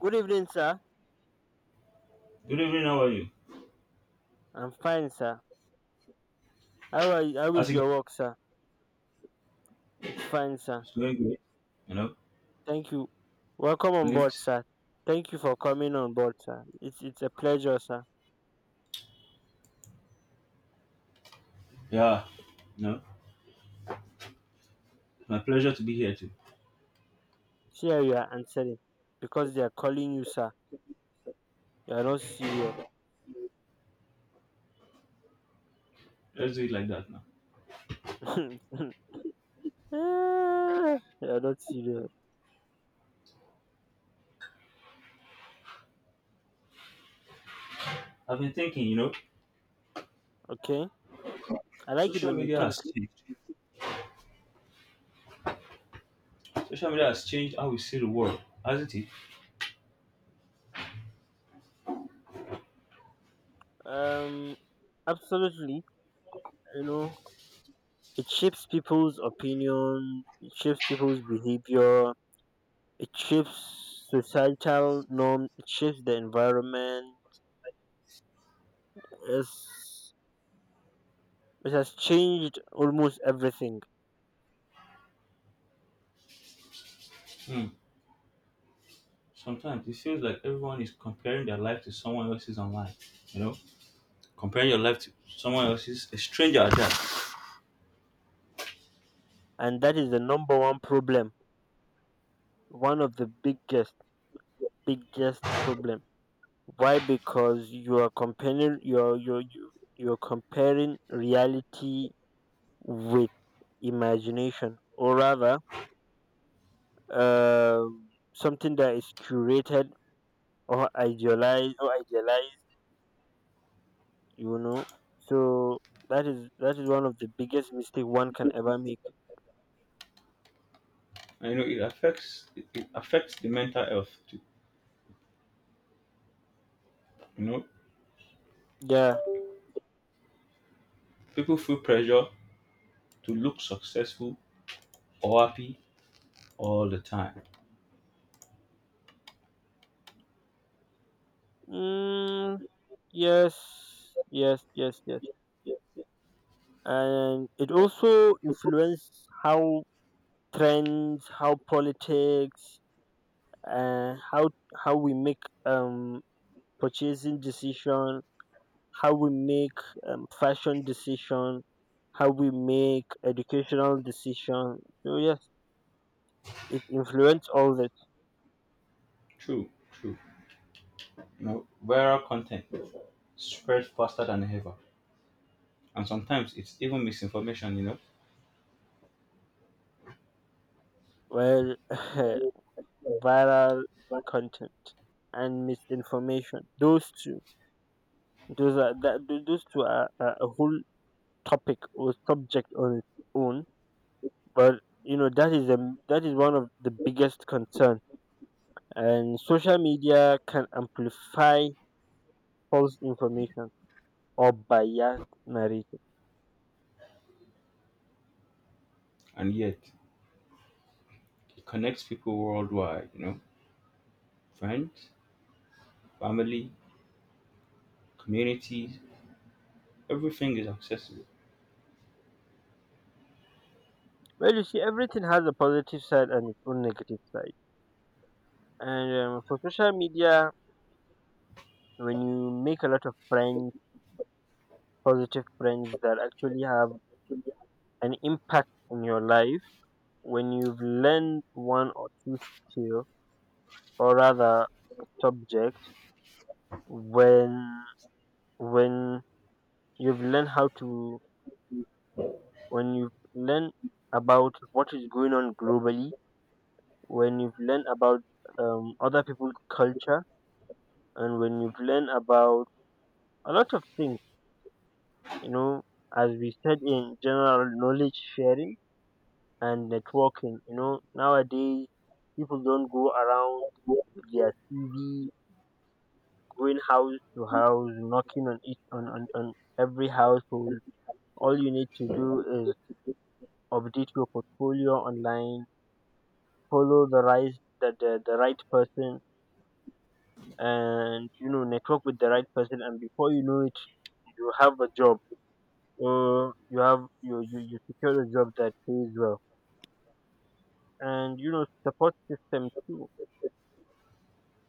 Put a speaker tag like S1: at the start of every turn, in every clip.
S1: Good evening, sir.
S2: Good evening, how are you?
S1: I'm fine, sir. How are you? How is
S2: How's it going?
S1: your work, sir? It's fine, sir.
S2: It's going great. You know,
S1: Thank you. Welcome on board,
S2: complaints.
S1: sir. Thank you for coming on board, sir. It's a pleasure, sir.
S2: Yeah, you know, it's my pleasure to be here too.
S1: See how you are answering because they are calling you, sir. You are not serious.
S2: Let's do it like that now.
S1: Ah, you are not serious.
S2: I've been thinking, you know,
S1: Okay. I like it
S2: social
S1: when you
S2: media
S1: think.
S2: has changed. Social media has changed how we see the world, hasn't it?
S1: Um, Absolutely. You know, it shapes people's opinion. It shapes people's behavior. It shifts societal norm, it shifts the environment. It's, it has changed almost everything.
S2: Hmm. Sometimes it feels like everyone is comparing their life to someone else's online. You know, comparing your life to someone else's, a stranger at that.
S1: And that is the number one problem. One of the biggest, biggest problem. Why? Because you are comparing you're you- you're comparing reality with imagination, or rather um, something that is curated or idealized you know. So that is one of the biggest mistake one can ever make.
S2: And you know, it affects the mental health too. You know,
S1: Yeah.
S2: people feel pressure to look successful or happy all the time.
S1: Mm, yes. Yes. Yes. Yes.
S2: Yeah,
S1: And it also influences how trends, how politics, uh, how how we make um purchasing decision, how we make fashion decision, how we make educational decision. So yes, it influences all that.
S2: true, true. You know, viral content spreads faster than ever, and sometimes it's even misinformation.
S1: Well, viral content and misinformation. Those two, those two are a whole topic or subject on its own. But you know that is a that is one of the biggest concern. And social media can amplify false information or biased narrative.
S2: And yet it connects people worldwide. You know, friends, family, communities, everything is accessible.
S1: Well, you see, everything has a positive side and its own negative side. And for social media, when you make a lot of friends, positive friends that actually have an impact in your life, when you've learned one or two skill, or rather subject, when when you've learned how to, when you've learned about what is going on globally, when you've learned about other people's culture, and when you've learned about a lot of things, you know, as we said, in general knowledge sharing and networking, you know, nowadays people don't go around with their cv going house to house, knocking on every household. All you need to do is update your portfolio online, follow the right the right person, and you know network with the right person, and before you know it you have a job, or you have you secure a job that pays well. And you know support system too.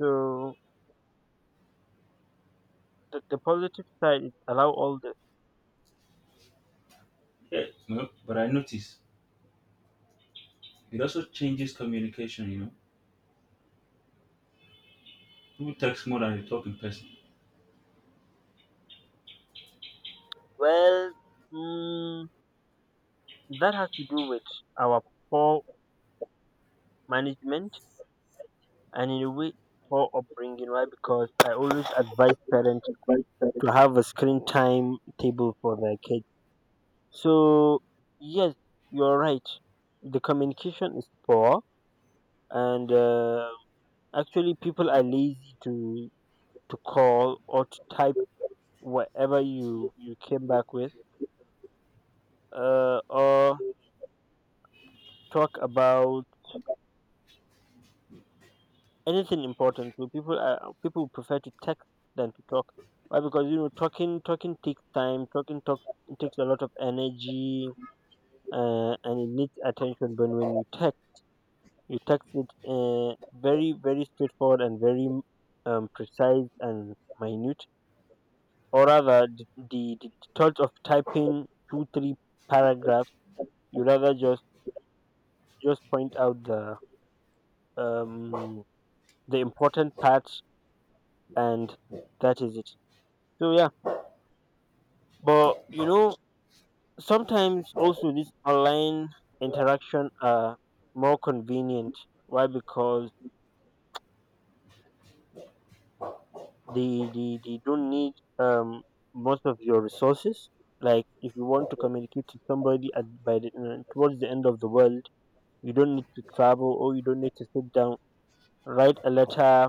S1: So the positive side is allow all this.
S2: Yeah, but I notice it also changes communication. You know, people text more than they talk in person.
S1: Well mm, that has to do with our poor management, and in a way poor upbringing. Why? Because I always advise parents to have a screen time table for their kids. So yes, you're right. The communication is poor, and actually people are lazy to call or to type whatever you came back with, or talk about anything important. So people prefer to text than to talk. Why? Because you know talking takes time. Talking talk It takes a lot of energy, and it needs attention. But when you text it very very straightforward, and very precise and minute. Or rather, the thought of typing two or three paragraphs, you rather just point out um the important parts, and that is it. So yeah. But you know, sometimes also this online interaction are more convenient. Why? Because they don't need um most of your resources. Like if you want to communicate to somebody at by the towards the end of the world, you don't need to travel, or you don't need to sit down, write a letter.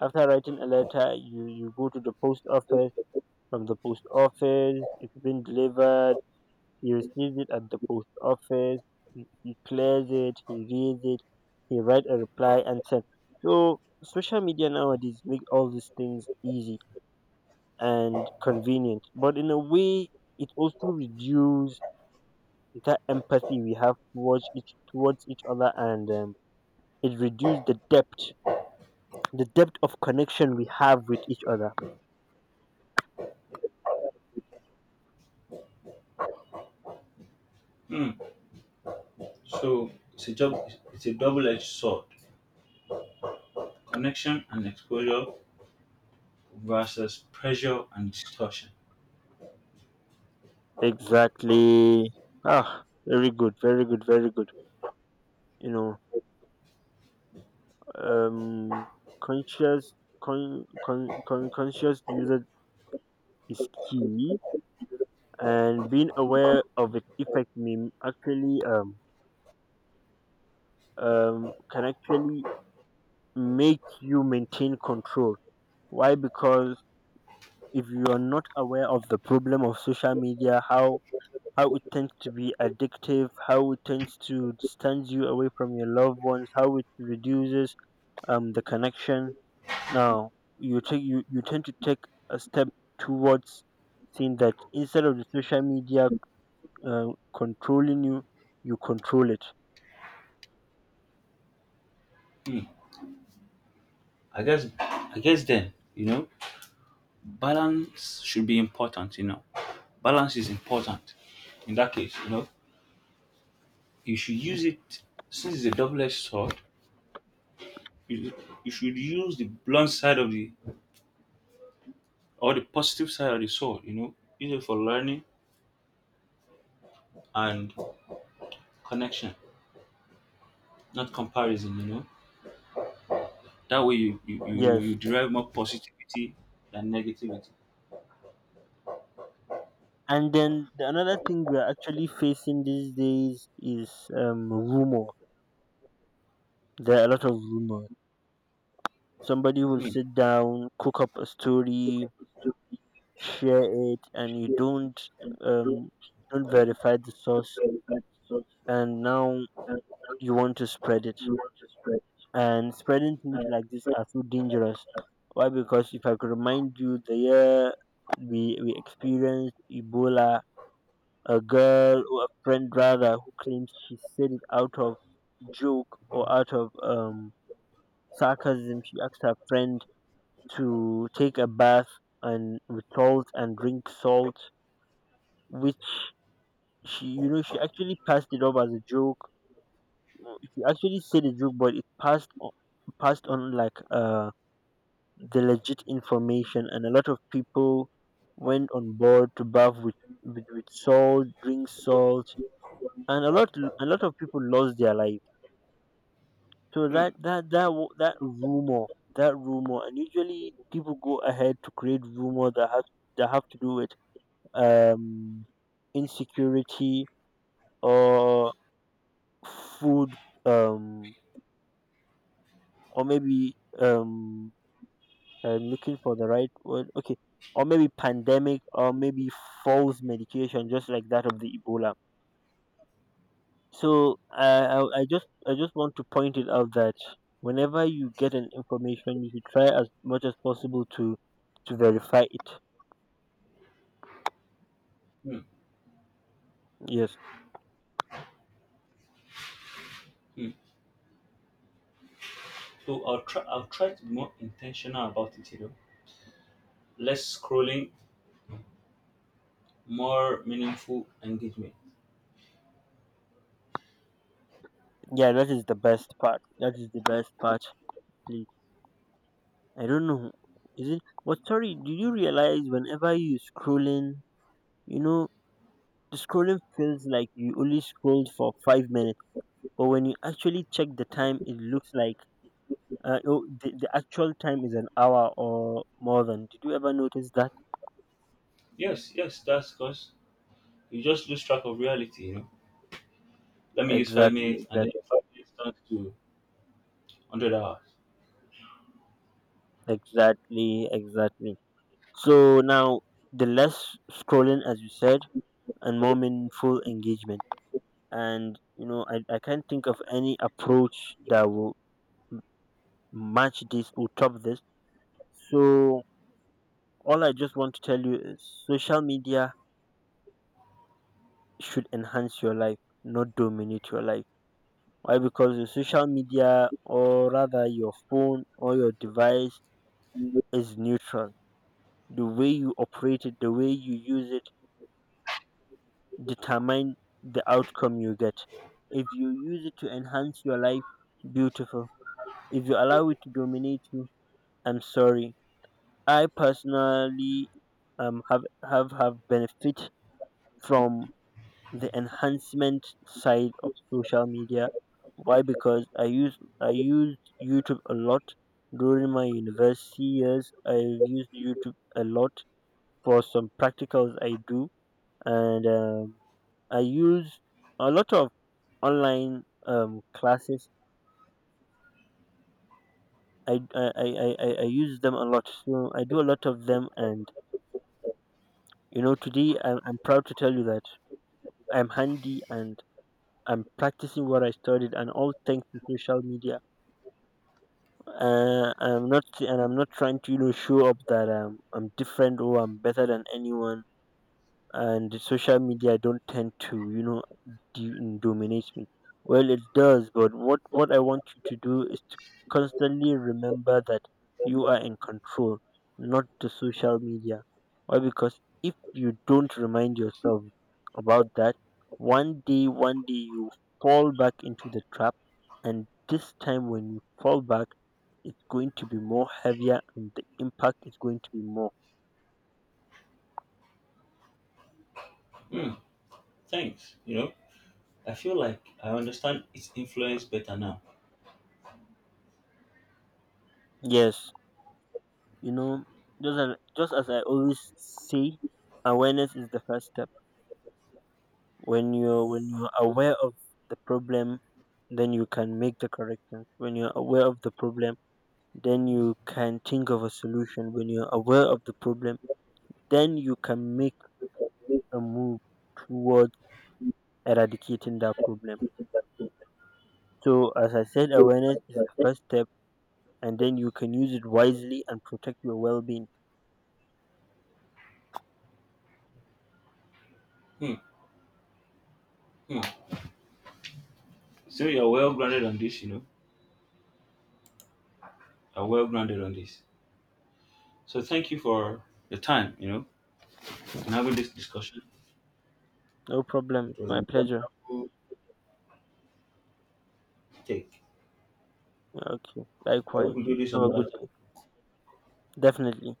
S1: After writing a letter, you go to the post office. From the post office, it's been delivered. He receives it at the post office. He clears it. He reads it. He writes a reply and send. So social media nowadays make all these things easy and convenient. But in a way, it also reduces that empathy we have towards each other, and it reduces the depth of connection we have with each other.
S2: Hmm. So it's a job. It's a double-edged sword: connection and exposure versus pressure and distortion.
S1: Exactly. Ah, very good, very good, very good. You know, um, conscious conscious user is key, and being aware of its effect may actually can actually make you maintain control. Why? Because if you are not aware of the problem of social media, how it tends to be addictive, how it tends to distance you away from your loved ones, how it reduces the connection. Now you tend to take a step towards seeing that instead of the social media uh, controlling you, you control it.
S2: Hmm. I guess then, you know, balance should be important, you know. Balance is important. In that case, you know, you should use it, since it's a double-edged sword, you, you should use the blunt side of the or the positive side of the sword, you know. Use it for learning and connection, not comparison, you know. That way you
S1: Yes.
S2: derive more positivity than negativity.
S1: And then the another thing we're actually facing these days is rumor. There are a lot of rumors. Somebody will
S2: Mm,
S1: sit down, cook up a story, share it, and you um, don't verify the source, and now you want to spread it. And spreading things like this are so dangerous. Why? Because if I could remind you, the year we experienced Ebola, a girl or a friend rather who claims she said it out of joke or out of sarcasm, she asked her friend to take a bath and with salt, and drink salt, which she, you know, she actually passed it off as a joke. She actually said a joke, but it passed on like the legit information, and a lot of people went on board to bath with, with salt, drink salt, and a lot of people lost their life. So
S2: mm,
S1: that rumor, that rumor, and usually people go ahead to create rumor that have to do with um insecurity, or food, um or maybe and looking for the right word. Okay, or maybe pandemic, or maybe false medication, just like that of the Ebola. So I just want to point it out that whenever you get an information, you should try as much as possible to verify it.
S2: mm,
S1: Yes,
S2: mm. So I'll try to be more intentional about it, you know. Less scrolling, more meaningful engagement.
S1: yeah, that is the best part. That is the best part. Please, I don't know. Is it? But sorry, do you realize whenever you scrolling, you know, the scrolling feels like you only scrolled for 5 minutes. But when you actually check the time, it looks like oh, the actual time is an hour or more than. Did you ever notice that?
S2: Yes, yes, that's because you just lose track of reality, you know. Let me use five
S1: Exactly,
S2: minutes and
S1: exact,
S2: then your 5 minutes turns to 100 hours.
S1: exactly, exactly. So now the less scrolling, as you said, and more meaningful engagement. And you know, I can't think of any approach that will match this or top this. So all I just want to tell you is social media should enhance your life, not dominate your life. Why? Because your social media, or rather your phone or your device, is neutral. The way you operate it, the way you use it, determine the outcome you get. If you use it to enhance your life, beautiful. If you allow it to dominate you, I'm sorry. I personally have benefit from the enhancement side of social media. Why? Because I used YouTube a lot during my university years. I've used YouTube a lot for some practicals I do, and I use a lot of online classes. I use them a lot. So I do a lot of them, and you know, today I'm proud to tell you that I'm handy, and I'm practicing what I studied, and all thanks to social media. I'm not, and I'm not trying to you know show up that I'm different or I'm better than anyone, and the social media don't tend to you know dominate me. Well it does, but what I want you to do is to constantly remember that you are in control, not the social media. Why? Because if you don't remind yourself about that, one day you fall back into the trap, and this time when you fall back it's going to be more heavier, and the impact is going to be more.
S2: Hmm, thanks, you know. I feel like I understand its influence better now.
S1: Yes. You know, just as just as I always say, awareness is the first step. When you're aware of the problem, then you can make the corrections. When you're aware of the problem, then you can think of a solution. When you're aware of the problem, then you can make a move towards eradicating that problem. So as I said, awareness is the first step, and then you can use it wisely and protect your well being.
S2: Hmm, hmm. So you're well grounded on this, you know. You're well grounded on this. So thank you for your time, you know, and having this discussion.
S1: No problem.
S2: It
S1: It's
S2: was
S1: my
S2: a
S1: pleasure.
S2: wonderful take.
S1: Yeah, okay.
S2: I
S1: Likewise.
S2: hope we do this
S1: Have a
S2: another
S1: good day.
S2: time.
S1: Definitely.